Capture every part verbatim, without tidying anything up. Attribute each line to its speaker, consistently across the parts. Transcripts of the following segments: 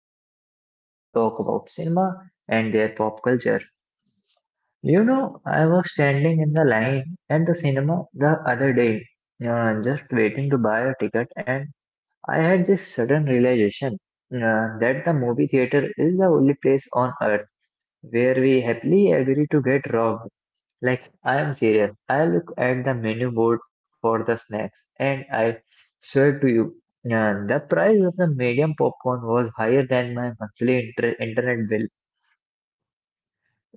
Speaker 1: and we are going to talk about cinema and their pop culture. You know, I was standing in the line at the cinema the other day, uh, just waiting to buy a ticket, and I had this sudden realization uh, that the movie theater is the only place on earth where we happily agree to get robbed. Like, I am serious. I look at the menu board for the snacks, and I swear to you, uh, the price of the medium popcorn was higher than my monthly inter- internet bill.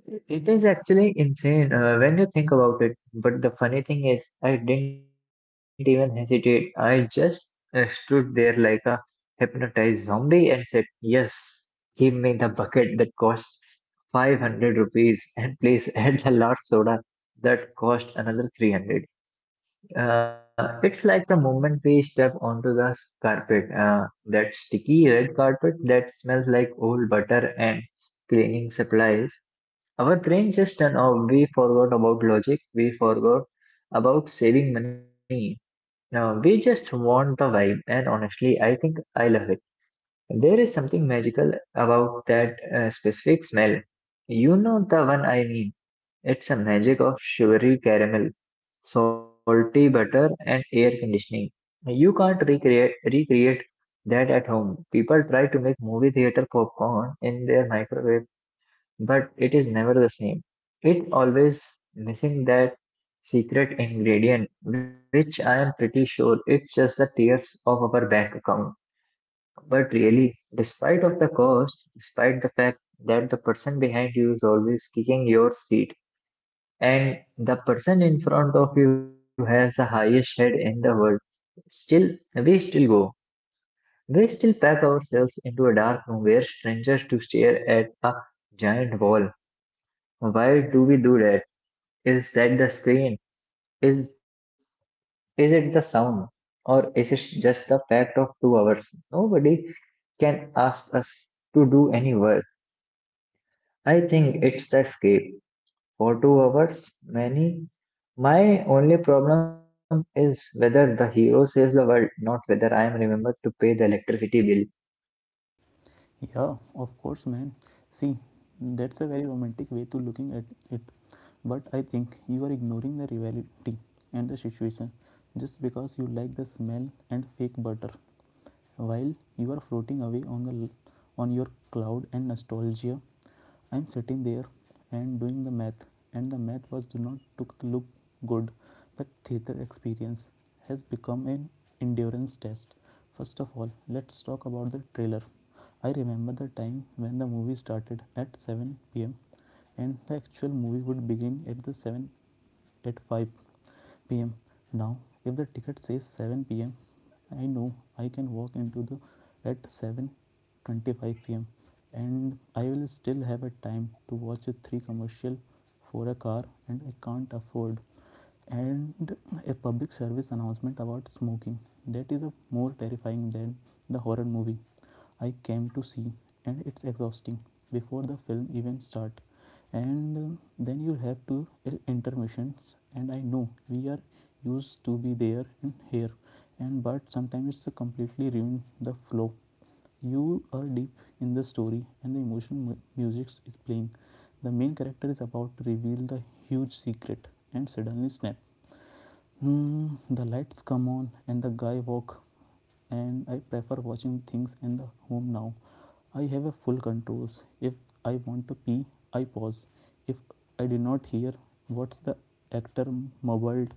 Speaker 1: It it is actually insane uh, when you think about it. But the funny thing is, I didn't even hesitate. I just uh, stood there like a hypnotized zombie and said, "Yes, give me the bucket that cost five hundred rupees, and please add the large soda that cost another three hundred" Uh, it's like the moment we step onto the s- carpet, uh, that sticky red carpet that smells like old butter and cleaning supplies, our brain just turned off. We forgot about logic. We forgot about saving money. Now we just want the vibe, and honestly, I think I love it. There is something magical about that uh, specific smell. You know the one I mean. It's a magic of sugary caramel, salty butter, and air conditioning. You can't recreate recreate that at home. People try to make movie theater popcorn in their microwave, but it is never the same. It always missing that secret ingredient, which I am pretty sure it's just the tears of our bank account. But really, despite of the cost, despite the fact that the person behind you is always kicking your seat and the person in front of you has the highest head in the world, still, we still go. We still pack ourselves into a dark room where strangers to stare at a giant wall. Why do we do that? Is that the screen? Is is it the sound? Or is it just the fact of two hours? Nobody can ask us to do any work. I think it's the escape. For two hours, many. My only problem is whether the hero saves the world, not whether I am remembered to pay the electricity bill.
Speaker 2: Yeah, of course, man. See, that's a very romantic way to looking at it. But I think you are ignoring the reality and the situation just because you like the smell and fake butter while you are floating away on the on your cloud and nostalgia. I'm sitting there and doing the math, and the math was do not took look good. The theater experience has become an endurance test. First of all, let's talk about the trailer. I remember the time when the movie started at seven p m and the actual movie would begin at the seven at five p m. Now, if the ticket says seven p m, I know I can walk into the at seven twenty-five p m and I will still have a time to watch a three commercial for a car and I can't afford, and a public service announcement about smoking that is a more terrifying than the horror movie I came to see. And it's exhausting before the film even start, and um, then you have to uh, intermissions. And I know we are used to be there and here, and but sometimes it's a completely ruin the flow. You are deep in the story and the emotional music is playing, the main character is about to reveal the huge secret, and suddenly snap. Hmm, the lights come on and the guy walk. And I prefer watching things in the home now. I have a full controls. If I want to pee, I pause. If I did not hear what's the actor mumbled,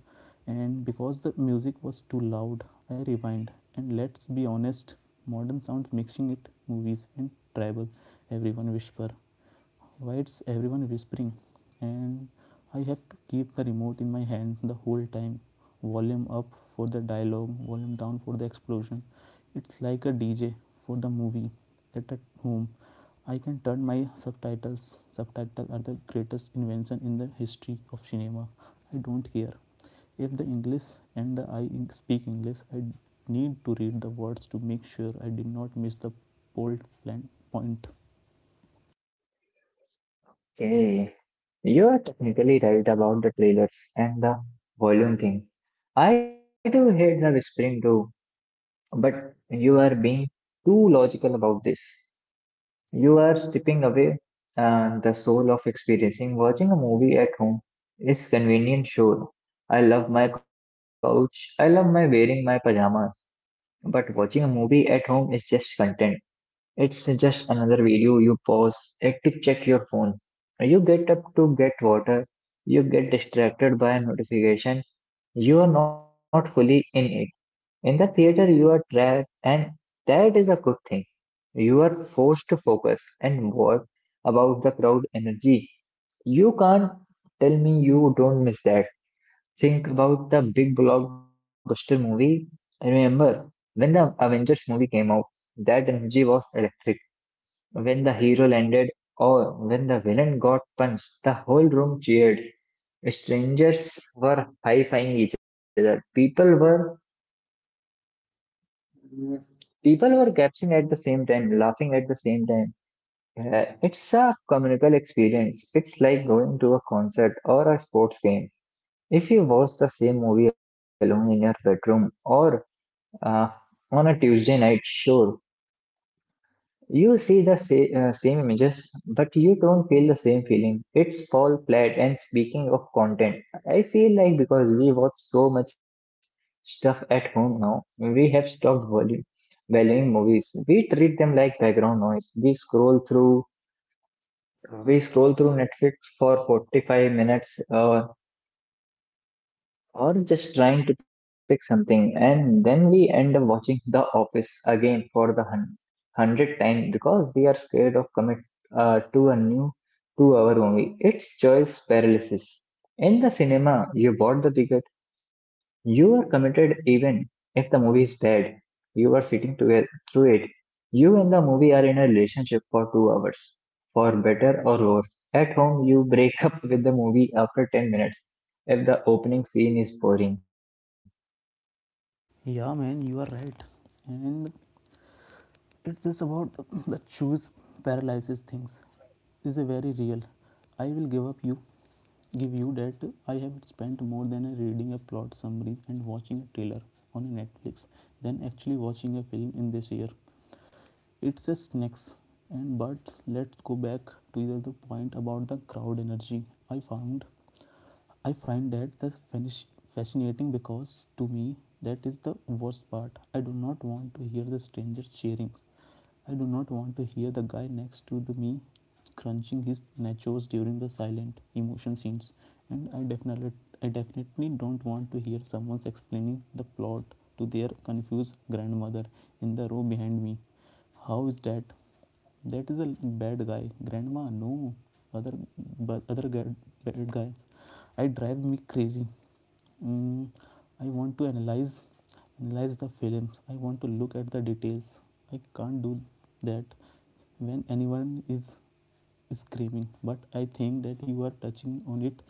Speaker 2: and because the music was too loud, I rewind. And let's be honest, modern sounds mixing it movies and tribal. Everyone whisper, why it's everyone whispering, and I have to keep the remote in my hand the whole time, volume up for the dialogue, volume down for the explosion. It's like a dj for the movie at home. I can turn my subtitles subtitles. Are the greatest invention in the history of cinema. I don't care if the english, and the I speak english, I need to read the words to make sure I did not miss the bold plan point.
Speaker 1: Okay. You are technically right about the trailers and the volume thing. I do hate the whispering too. But you are being too logical about this. You are stripping away uh, the soul of experiencing. Watching a movie at home is convenient, sure. I love my couch. I love my wearing my pajamas. But watching a movie at home is just content. It's just another video you pause it to check your phone. You get up to get water. You get distracted by a notification. You are not fully in it. In the theater, you are trapped, and that is a good thing. You are forced to focus and work about the crowd energy. You can't tell me you don't miss that. Think about the big blockbuster movie. I remember when the Avengers movie came out, that energy was electric. When the hero landed or when the villain got punched, the whole room cheered. Strangers were high-fiving each other. People were. Yes. People were gasping at the same time, laughing at the same time. Uh, it's a communal experience. It's like going to a concert or a sports game. If you watch the same movie alone in your bedroom or uh, on a Tuesday night, sure, you see the sa- uh, same images, but you don't feel the same feeling. It's Paul Platt, and speaking of content, I feel like because we watch so much stuff at home now, we have stopped valu- valuing movies. We treat them like background noise. We scroll through, we scroll through Netflix for forty-five minutes, uh, or just trying to pick something, and then we end up watching The Office again for the hun- hundredth time because we are scared of commit uh, to a new two-hour movie. It's choice paralysis. In the cinema, you bought the ticket, you are committed even if the movie is bad. You are sitting together through it. You and the movie are in a relationship for two hours, for better or worse. At home, you break up with the movie after ten minutes if the opening scene is boring.
Speaker 2: Yeah, man, you are right. And it's just about the choose paralysis things. Is a very real. I will give up you, give you that I have spent more than a reading a plot summaries and watching a trailer on Netflix than actually watching a film in this year. It's a snacks. And but let's go back to the the point about the crowd energy. I found I find that the finish fascinating because to me that is the worst part. I do not want to hear the strangers cheering. I do not want to hear the guy next to the me crunching his nachos during the silent emotion scenes. And I definitely I definitely don't want to hear someone's explaining the plot to their confused grandmother in the row behind me. How is that? That is a bad guy. Grandma, no. Other but other bad guys. I drive me crazy. Mm, I want to analyze analyze the films. I want to look at the details. I can't do that when anyone is screaming. But I think that you are touching on it.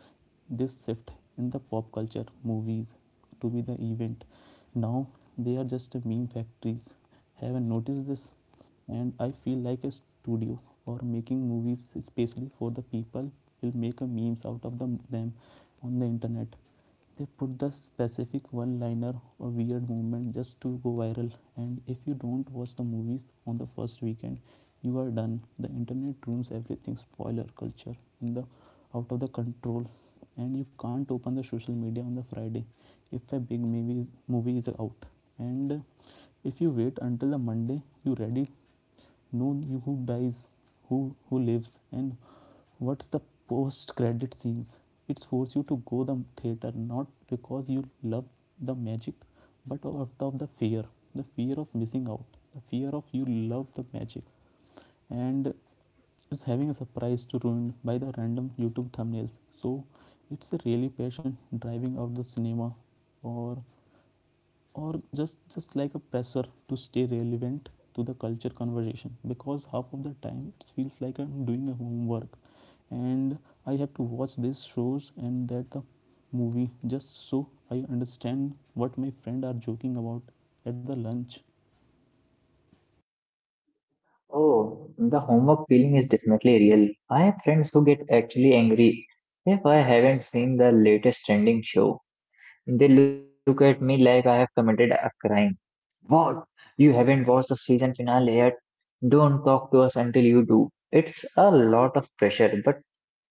Speaker 2: This shift in the pop culture movies to be the event. Now they are just a meme factories. Haven't noticed this, and I feel like a studio or making movies especially for the people will make a memes out of them them on the internet. They put the specific one liner or weird movement just to go viral, and if you don't watch the movies on the first weekend, you are done. The internet ruins everything. Spoiler culture in the out of the control, and you can't open the social media on the friday if a big movie movie is out. And if you wait until the monday, you ready know you who dies, who who lives, and what's the post credit scenes? It's forced you to go the theater not because you love the magic, but out of the fear, the fear of missing out, the fear of you love the magic, and it's having a surprise to ruin by the random YouTube thumbnails. So it's a really passion driving out the cinema, or or just just like a pressure to stay relevant to the culture conversation because half of the time it feels like I'm doing a homework, and I have to watch these shows and that the movie just so I understand what my friend are joking about at the lunch.
Speaker 1: Oh, the homework feeling is definitely real. I have friends who get actually angry if I haven't seen the latest trending show. They look at me like I have committed a crime. What? You haven't watched the season finale yet? Don't talk to us until you do. It's a lot of pressure, but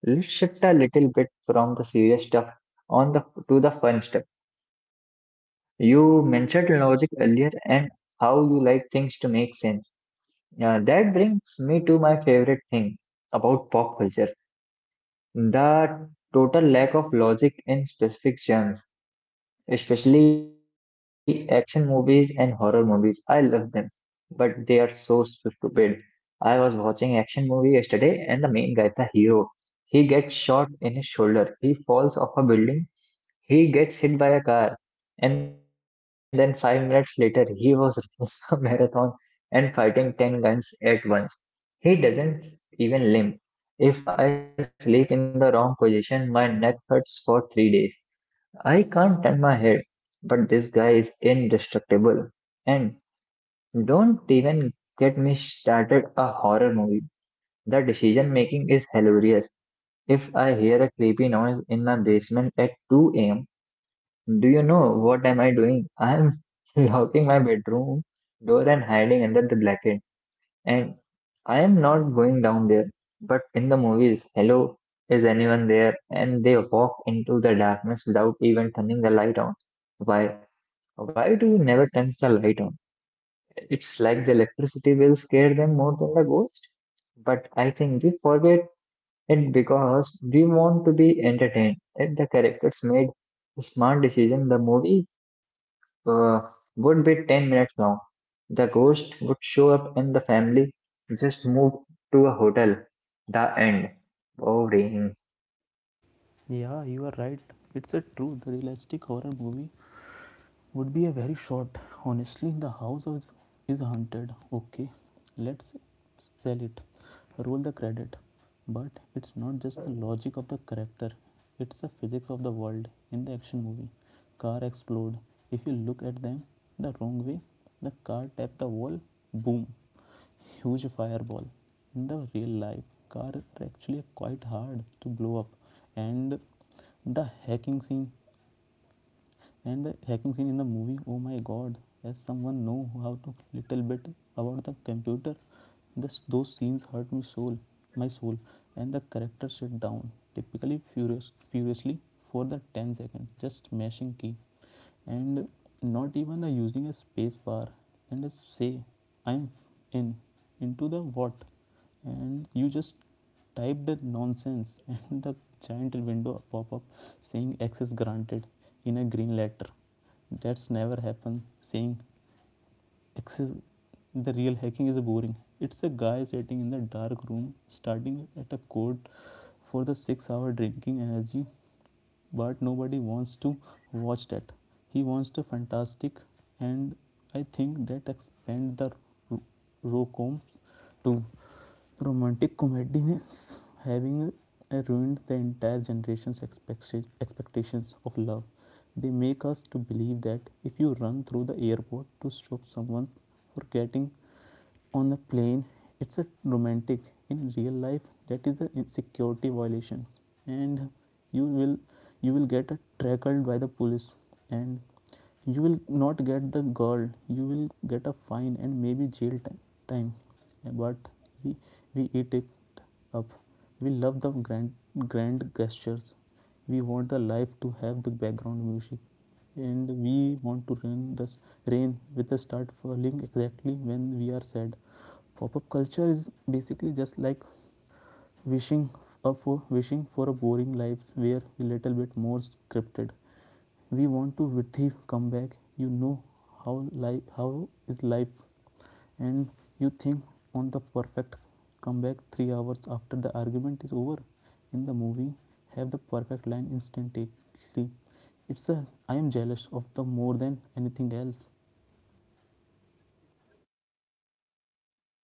Speaker 1: let's shift a little bit from the serious stuff on the to the fun stuff. You mentioned logic earlier and how you like things to make sense. Uh, that brings me to my favorite thing about pop culture: the total lack of logic in specific genres. Especially action movies and horror movies. I love them, but they are so stupid. I was watching action movie yesterday, and the main guy, the hero, he gets shot in his shoulder. He falls off a building. He gets hit by a car. And then five minutes later, he was running a marathon and fighting ten guns at once. He doesn't even limp. If I sleep in the wrong position, my neck hurts for three days. I can't turn my head, but this guy is indestructible. And don't even get me started a horror movie. The decision making is hilarious. If I hear a creepy noise in my basement at two a m, do you know what am I doing? I am locking my bedroom door and hiding under the blanket. And I am not going down there. But in the movies, hello, is anyone there? And they walk into the darkness without even turning the light on. Why? Why do we never turn the light on? It's like the electricity will scare them more than the ghost. But I think we forget it because we want to be entertained. If the characters made a smart decision, the movie uh, would be ten minutes long. The ghost would show up and the family just move to a hotel. The end. Boring.
Speaker 2: Yeah, you are right. It's a true the realistic horror movie would be a very short. Honestly, the house is, is haunted. Okay, let's sell it. Roll the credit. But it's not just the logic of the character, it's the physics of the world in the action movie. Car explode. If you look at them the wrong way, the car tap the wall, boom, huge fireball. In the real life, car are actually quite hard to blow up. And the hacking scene and the hacking scene in the movie, oh my god. Does someone know how to little bit about the computer? This those scenes hurt me soul my soul. And the character sit down typically furious furiously for the ten seconds just smashing key, and not even a using a space bar, and a say I'm in into the what. And you just type the nonsense and the giant window pop up saying access granted in a green letter. That's never happened saying access. The real hacking is boring. It's a guy sitting in the dark room starting at a code for the six hour drinking energy, but nobody wants to watch that. He wants to fantastic. And I think that expand the ro- rocoms too. Romantic comediness having uh, ruined the entire generation's expect expectations of love. They make us to believe that if you run through the airport to stop someone for getting on a plane, it's a romantic. In real life, that is the security violations, and you will you will get uh, tackled by the police, and you will not get the girl, you will get a fine and maybe jail time. Yeah, but we we eat it up. We love the grand grand gestures, we want the life to have the background music, and we want to rain this rain with the start falling exactly when we are sad. Pop-up culture is basically just like wishing uh, for wishing for a boring lives where a little bit more scripted. We want to Vithi come back. You know how life how is life, and you think on the perfect comeback three hours after the argument is over. In the movie have the perfect line instantly. It's a I am jealous of the more than anything else.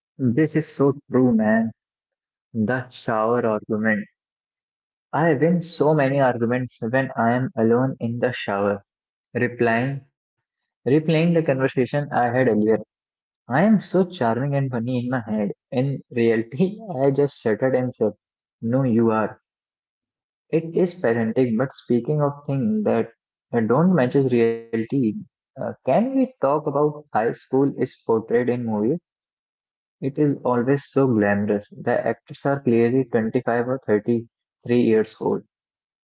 Speaker 1: This is so true, man. The shower argument. I win so many arguments when I am alone in the shower, replying, replaying the conversation I had earlier. I am so charming and funny in my head. In reality, I just shuddered and said, "No, you are." It is parenting, but speaking of things that uh, don't matches reality, uh, can we talk about high school is portrayed in movies? It is always so glamorous. The actors are clearly twenty-five or thirty-three years old,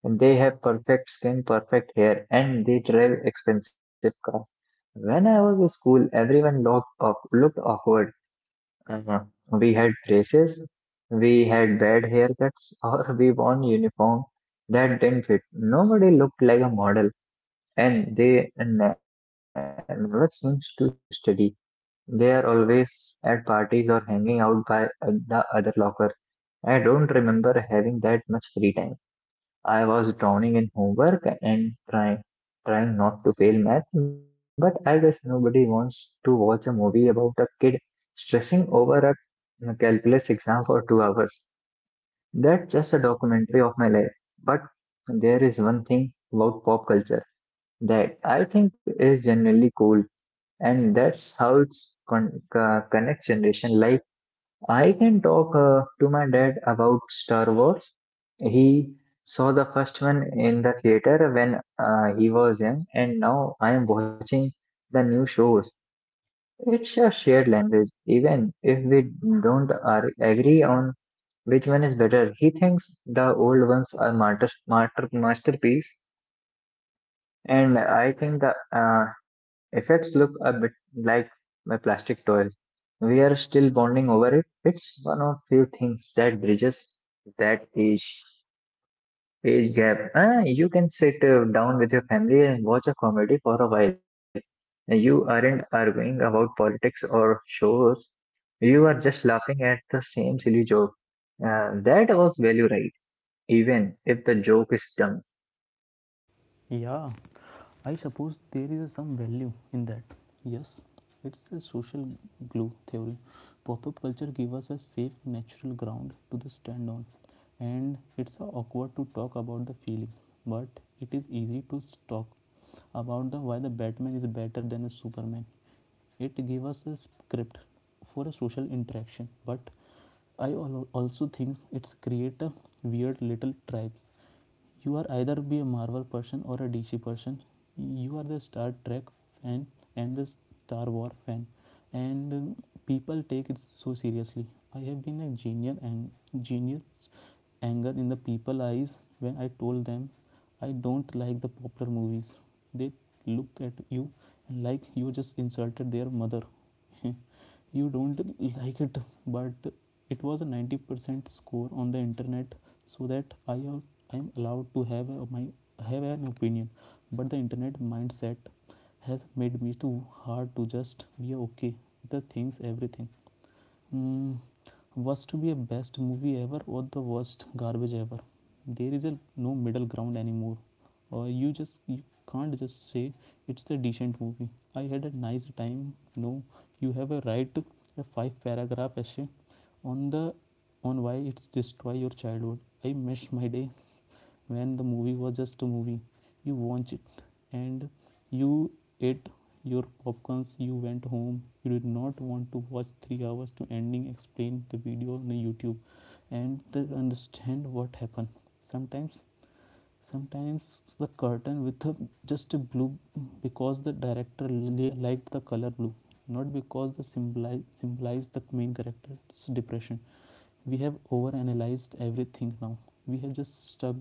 Speaker 1: and they have perfect skin, perfect hair, and they drive expensive cars. When I was in school, everyone looked, off, looked awkward. uh, we had braces, we had bad haircuts, or we wore uniform that didn't fit. Nobody looked like a model, and they ne- never seems to study. They are always at parties or hanging out by uh, the other locker. I don't remember having that much free time. I was drowning in homework and trying trying not to fail math, but I guess nobody wants to watch a movie about a kid stressing over a a calculus exam for two hours. That's just a documentary of my life. But there is one thing about pop culture that I think is genuinely cool, and that's how it's con- uh, connects generation. Like, I can talk uh, to my dad about Star Wars. He saw the first one in the theater when uh, he was young, and now I am watching the new shows. It's a shared language. Even if we don't ar- agree on which one is better, he thinks the old ones are master, master, masterpiece, and I think the uh, effects look a bit like my plastic toys. We are still bonding over it. It's one of few things that bridges that age age gap. Ah, you can sit uh, down with your family and watch a comedy for a while. You aren't arguing about politics or shows. You are just laughing at the same silly joke. Uh, that was value right, even if the joke is dumb.
Speaker 2: Yeah. I suppose there is some value in that. Yes, it's a social glue theory. Pop up culture gives us a safe, natural ground to stand on. And it's awkward to talk about the feeling, but it is easy to talk about the why the Batman is better than a Superman. It gives us a script for a social interaction, but I also think it's create a weird little tribes. You are either be a Marvel person or a D C person. You are the Star Trek fan and the Star War fan, and um, people take it so seriously. I have been a genius and genius anger in the people's eyes when I told them I don't like the popular movies. They look at you and like you just insulted their mother. You don't like it, but it was a ninety percent score on the internet, so that I am I am allowed to have a, my have an opinion. But the internet mindset has made me too hard to just be okay with the things everything. Mm, was to be a best movie ever or the worst garbage ever. There is a no middle ground anymore, or you just you can't just say it's a decent movie. I had a nice time. No, you have a right to a five paragraph essay on the on why it's destroy your childhood. I miss my days when the movie was just a movie. You watch it and you ate your popcorns. You went home. You did not want to watch three hours to ending explain the video on YouTube and understand what happened. Sometimes sometimes the curtain with a, just a blue because the director liked the color blue, not because the symbolize symbolize the main character's depression. We have overanalyzed everything now. We have just stuck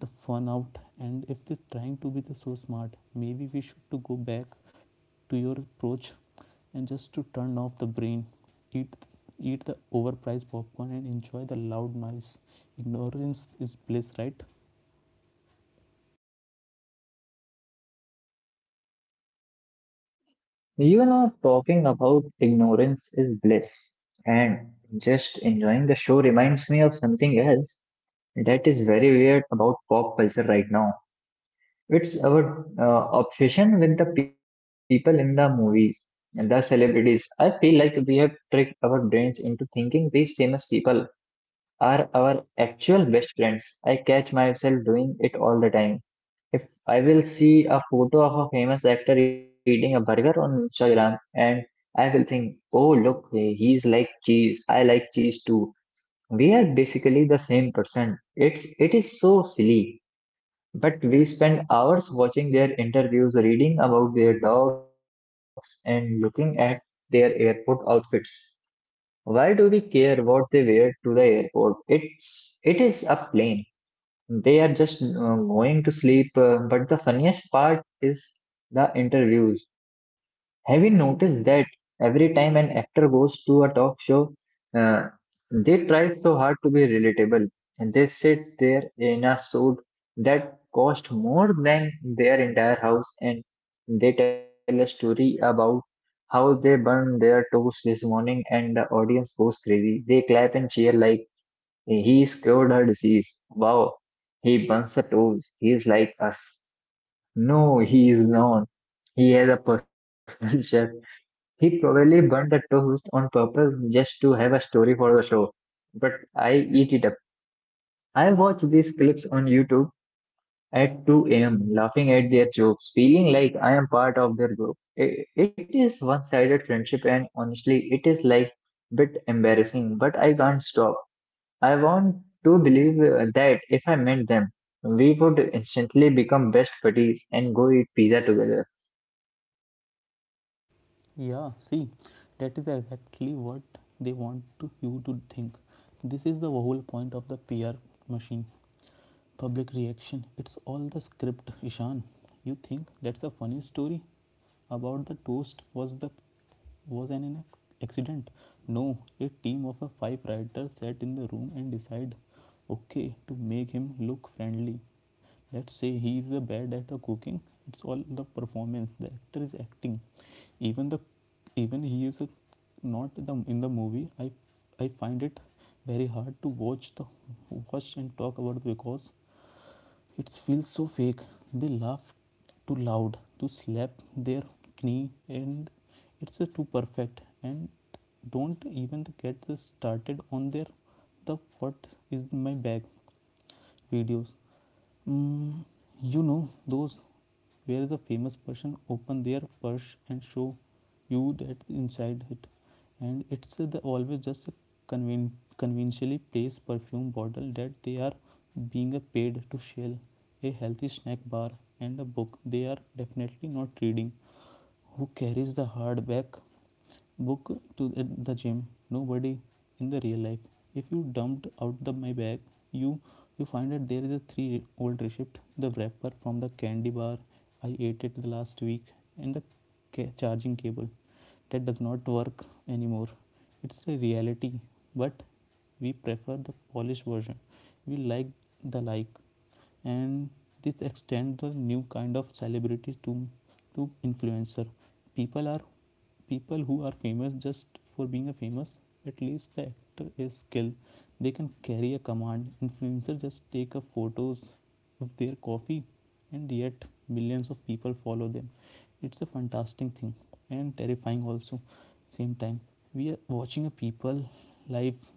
Speaker 2: the fun out, and if they're trying to be the so smart, maybe we should to go back to your approach and just to turn off the brain. eat Eat the overpriced popcorn and enjoy the loud noise. Ignorance is bliss, right?
Speaker 1: You know, talking about ignorance is bliss, and just enjoying the show reminds me of something else that is very weird about pop culture right now. It's our uh, obsession with the people in the movies and the celebrities. I feel like we have tricked our brains into thinking these famous people are our actual best friends. I catch myself doing it all the time. If I will see a photo of a famous actor eating a burger on Instagram, and I will think, oh, look, he's like cheese. I like cheese too. We are basically the same person. It's, it is so silly. But we spend hours watching their interviews, reading about their dogs, and looking at their airport outfits. Why do we care what they wear to the airport? It's, it is a plane. They are just uh, going to sleep. uh, but the funniest part is the interviews. Have you noticed that every time an actor goes to a talk show, uh, they try so hard to be relatable and they sit there in a suit that cost more than their entire house and they tell a story about how they burned their toast this morning, and the audience goes crazy. They clap and cheer like he cured her disease. Wow. He bumps the toes. He's like us. No, he is not. He has a personal chef. He probably burnt the toast on purpose just to have a story for the show. But I eat it up. I watch these clips on YouTube at two a m, laughing at their jokes, feeling like I am part of their group. I- It is one sided friendship, and honestly, it is like bit embarrassing, but I can't stop. I want to believe uh, that if I met them, we would instantly become best buddies and go eat pizza together.
Speaker 2: Yeah, see, that is exactly what they want to, you to think. This is the whole point of the PR machine. Public reaction. It's all the script, Ishan. You think that's a funny story about the toast was the was an ac- accident? No, a team of a five writers sat in the room and decided, okay, to make him look friendly. Let's say he is bad at the cooking. It's all the performance. The actor is acting. Even the even he is not the, in the movie. I I find it very hard to watch the watch and talk about it because it feels so fake. They laugh too loud, to slap their knee, and it's uh, too perfect. And don't even get started on their the what is in my bag videos. Mm, you know those where the famous person open their purse and show you that inside it, and it's the always just a conven- conventionally placed perfume bottle that they are being paid to shell, a healthy snack bar, and a book they are definitely not reading. Who carries the hardback book to the gym? Nobody in the real life. If you dumped out the my bag, you you find that there is a three old receipt, the wrapper from the candy bar I ate it the last week, and the ca- charging cable that does not work anymore. It's a reality, but we prefer the polished version. We like the like And this extends the new kind of celebrity to to influencer. people are People who are famous just for being a famous. At least the actor is skilled. They can carry a command. Influencers just take a photos of their coffee, and yet millions of people follow them. It's a fantastic thing and terrifying also same time. We are watching a people life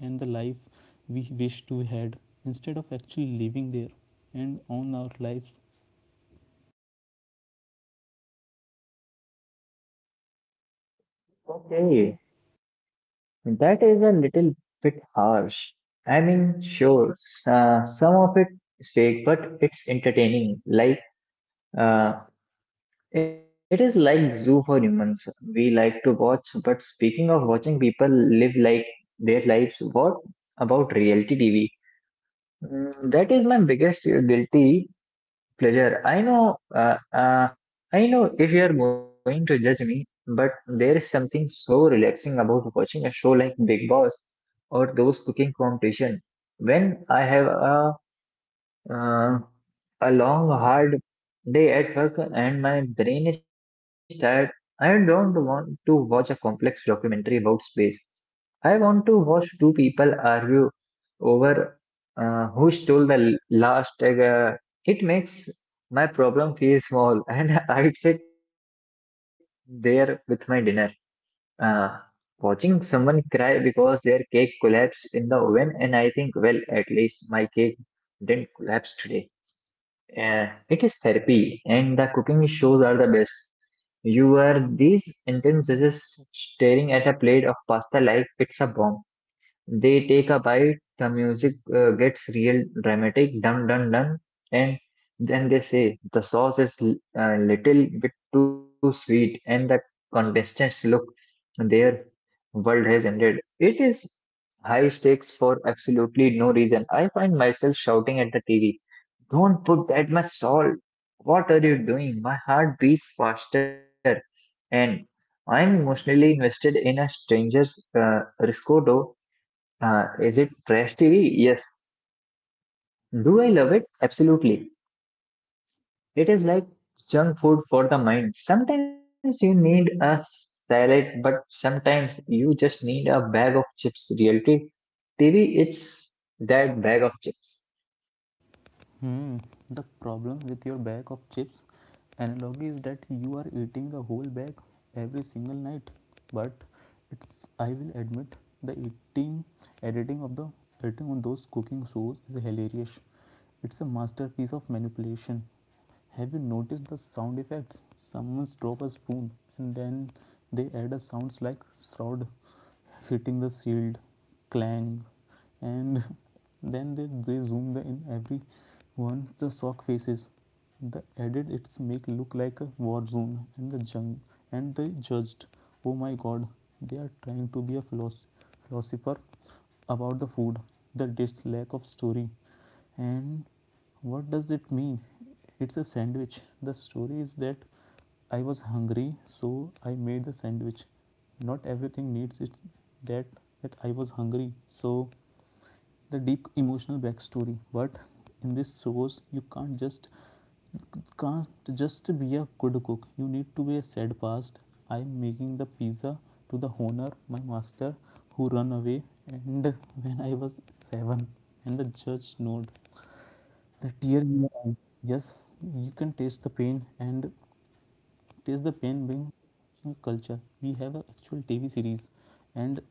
Speaker 2: and the life we wish to had instead of actually living there and own our lives.
Speaker 1: Okay, that is a little bit harsh. I mean, sure, s- uh, some of it is fake, but it's entertaining. Like, uh, it is like zoo for humans. We like to watch, but speaking of watching people live like their lives, what about reality T V? Mm, that is my biggest guilty pleasure. I know, uh, uh, I know if you are going to judge me, but there is something so relaxing about watching a show like Big Boss or those cooking competition. When I have a uh, a long hard day at work and my brain is tired, I don't want to watch a complex documentary about space. I want to watch two people argue over uh, who stole the l- last egg. uh, it makes my problem feel small, and I'd sit there with my dinner, uh, watching someone cry because their cake collapsed in the oven, and I think, well, at least my cake didn't collapse today. Uh, it is therapy, and the cooking shows are the best. You are these intense judges staring at a plate of pasta like it's a bomb. They take a bite, the music uh, gets real dramatic, dum dum dum, and then they say the sauce is l- a little bit too sweet, and the contestants look, their world has ended. It is high stakes for absolutely no reason. I find myself shouting at the T V, "Don't put that much salt. What are you doing?" My heart beats faster, and I'm emotionally invested in a stranger's uh, risotto. Uh, is it trash T V? Yes. Do I love it? Absolutely. It is like junk food for the mind. Sometimes you need a salad, but sometimes you just need a bag of chips. Reality T V, it's that bag of chips.
Speaker 2: Hmm. The problem with your bag of chips analogy is that you are eating the whole bag every single night. But it's, I will admit, the eating editing of the editing on those cooking shows is hilarious. It's a masterpiece of manipulation. Have you noticed the sound effects? Someone drops a spoon, and then they add a sounds like shroud hitting the shield, clang, and then they, they zoom the in every one the shock faces the added. It's make look like a war zone. And the jung and they judged, oh my god, they are trying to be a philosoph- philosopher about the food. The dish lack of story. And what does it mean? It's a sandwich. The story is that I was hungry, so I made the sandwich. Not everything needs it. that that I was hungry, so the deep emotional backstory. But in this shows you can't just can't just be a good cook. You need to be a sad past. I'm making the pizza to the honor my master, who run away and when I was seven. And the judge nod, the tear in your eyes. Yes, you can taste the pain. And Taste the Pain being culture. We have an actual T V series, and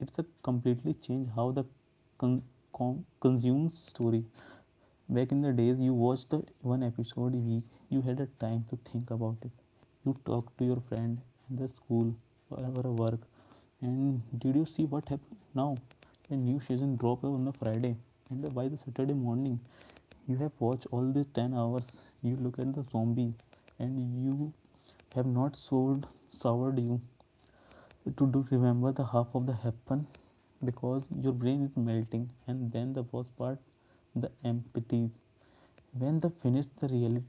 Speaker 2: it's a completely change how the con- con- consumes story. Back in the days, you watched the one episode a week. You had a time to think about it. You talked to your friend in the school, or or work. And did you see what happened now? A new season drop on a Friday, and by the Saturday morning, you have watched all the ten hours. You look at the zombie, and you have not sold soured you to do remember the half of the happen because your brain is melting. And then the worst part, the empties, when the finish the really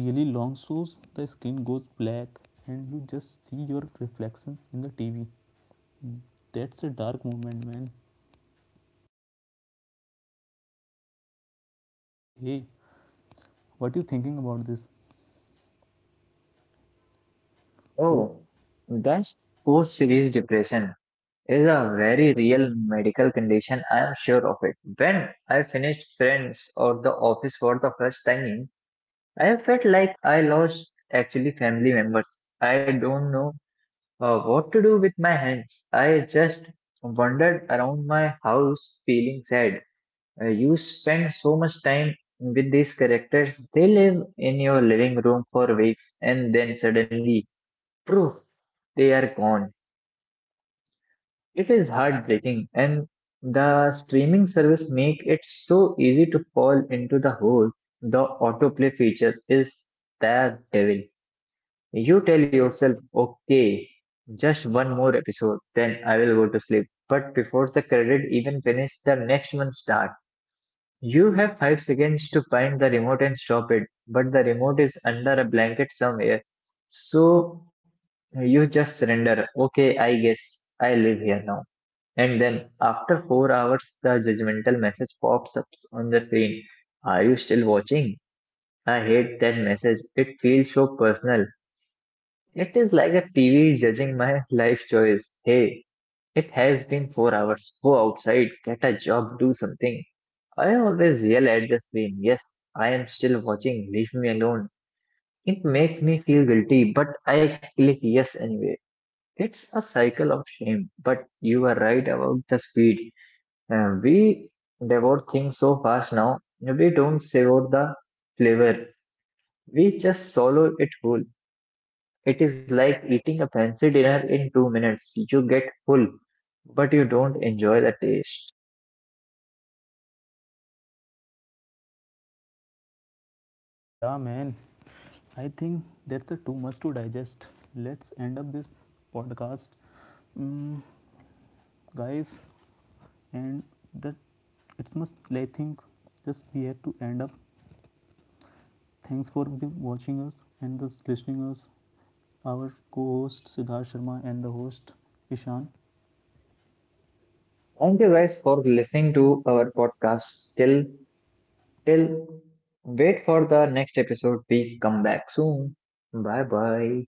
Speaker 2: really long shows, the skin goes black, and you just see your reflections in the TV. That's a dark moment, man. Hey, what you thinking about this? Oh,
Speaker 1: Oh, that's post-series depression is a very real medical condition. I am sure of it. When I finished Friends or The Office for the first time, I have felt like I lost actually family members. I don't know uh, what to do with my hands. I just wandered around my house feeling sad. Uh, you spend so much time with these characters. They live in your living room for weeks and then suddenly, poof, they are gone. It is heartbreaking, and the streaming service make it so easy to fall into the hole. The autoplay feature is the devil. You tell yourself, okay, just one more episode, then I will go to sleep. But before the credit even finish, the next one start. You have five seconds to find the remote and stop it, but the remote is under a blanket somewhere. So you just surrender. Okay, I guess I live here now. And then after four hours, the judgmental message pops up on the screen. Are you still watching? I hate that message. It feels so personal. It is like a T V judging my life choice. Hey, it has been four hours. Go outside, get a job, do something. I always yell at the screen. Yes, I am still watching. Leave me alone. It makes me feel guilty, but I click yes anyway. It's a cycle of shame. But you are right about the speed. Uh, we devour things so fast now. We don't savor the flavor. We just swallow it whole. It is like eating a fancy dinner in two minutes. You get full, but you don't enjoy the taste.
Speaker 2: yeah, man, I think that's a too much to digest. Let's end up this podcast. mm, guys, and that, it's must I think just we have to end up. Thanks for the watching us and the listening us. Our co-host Siddharth Sharma and the host Ishan.
Speaker 1: Thank you guys for listening to our podcast. Till till wait for the next episode. We come back soon. Bye bye.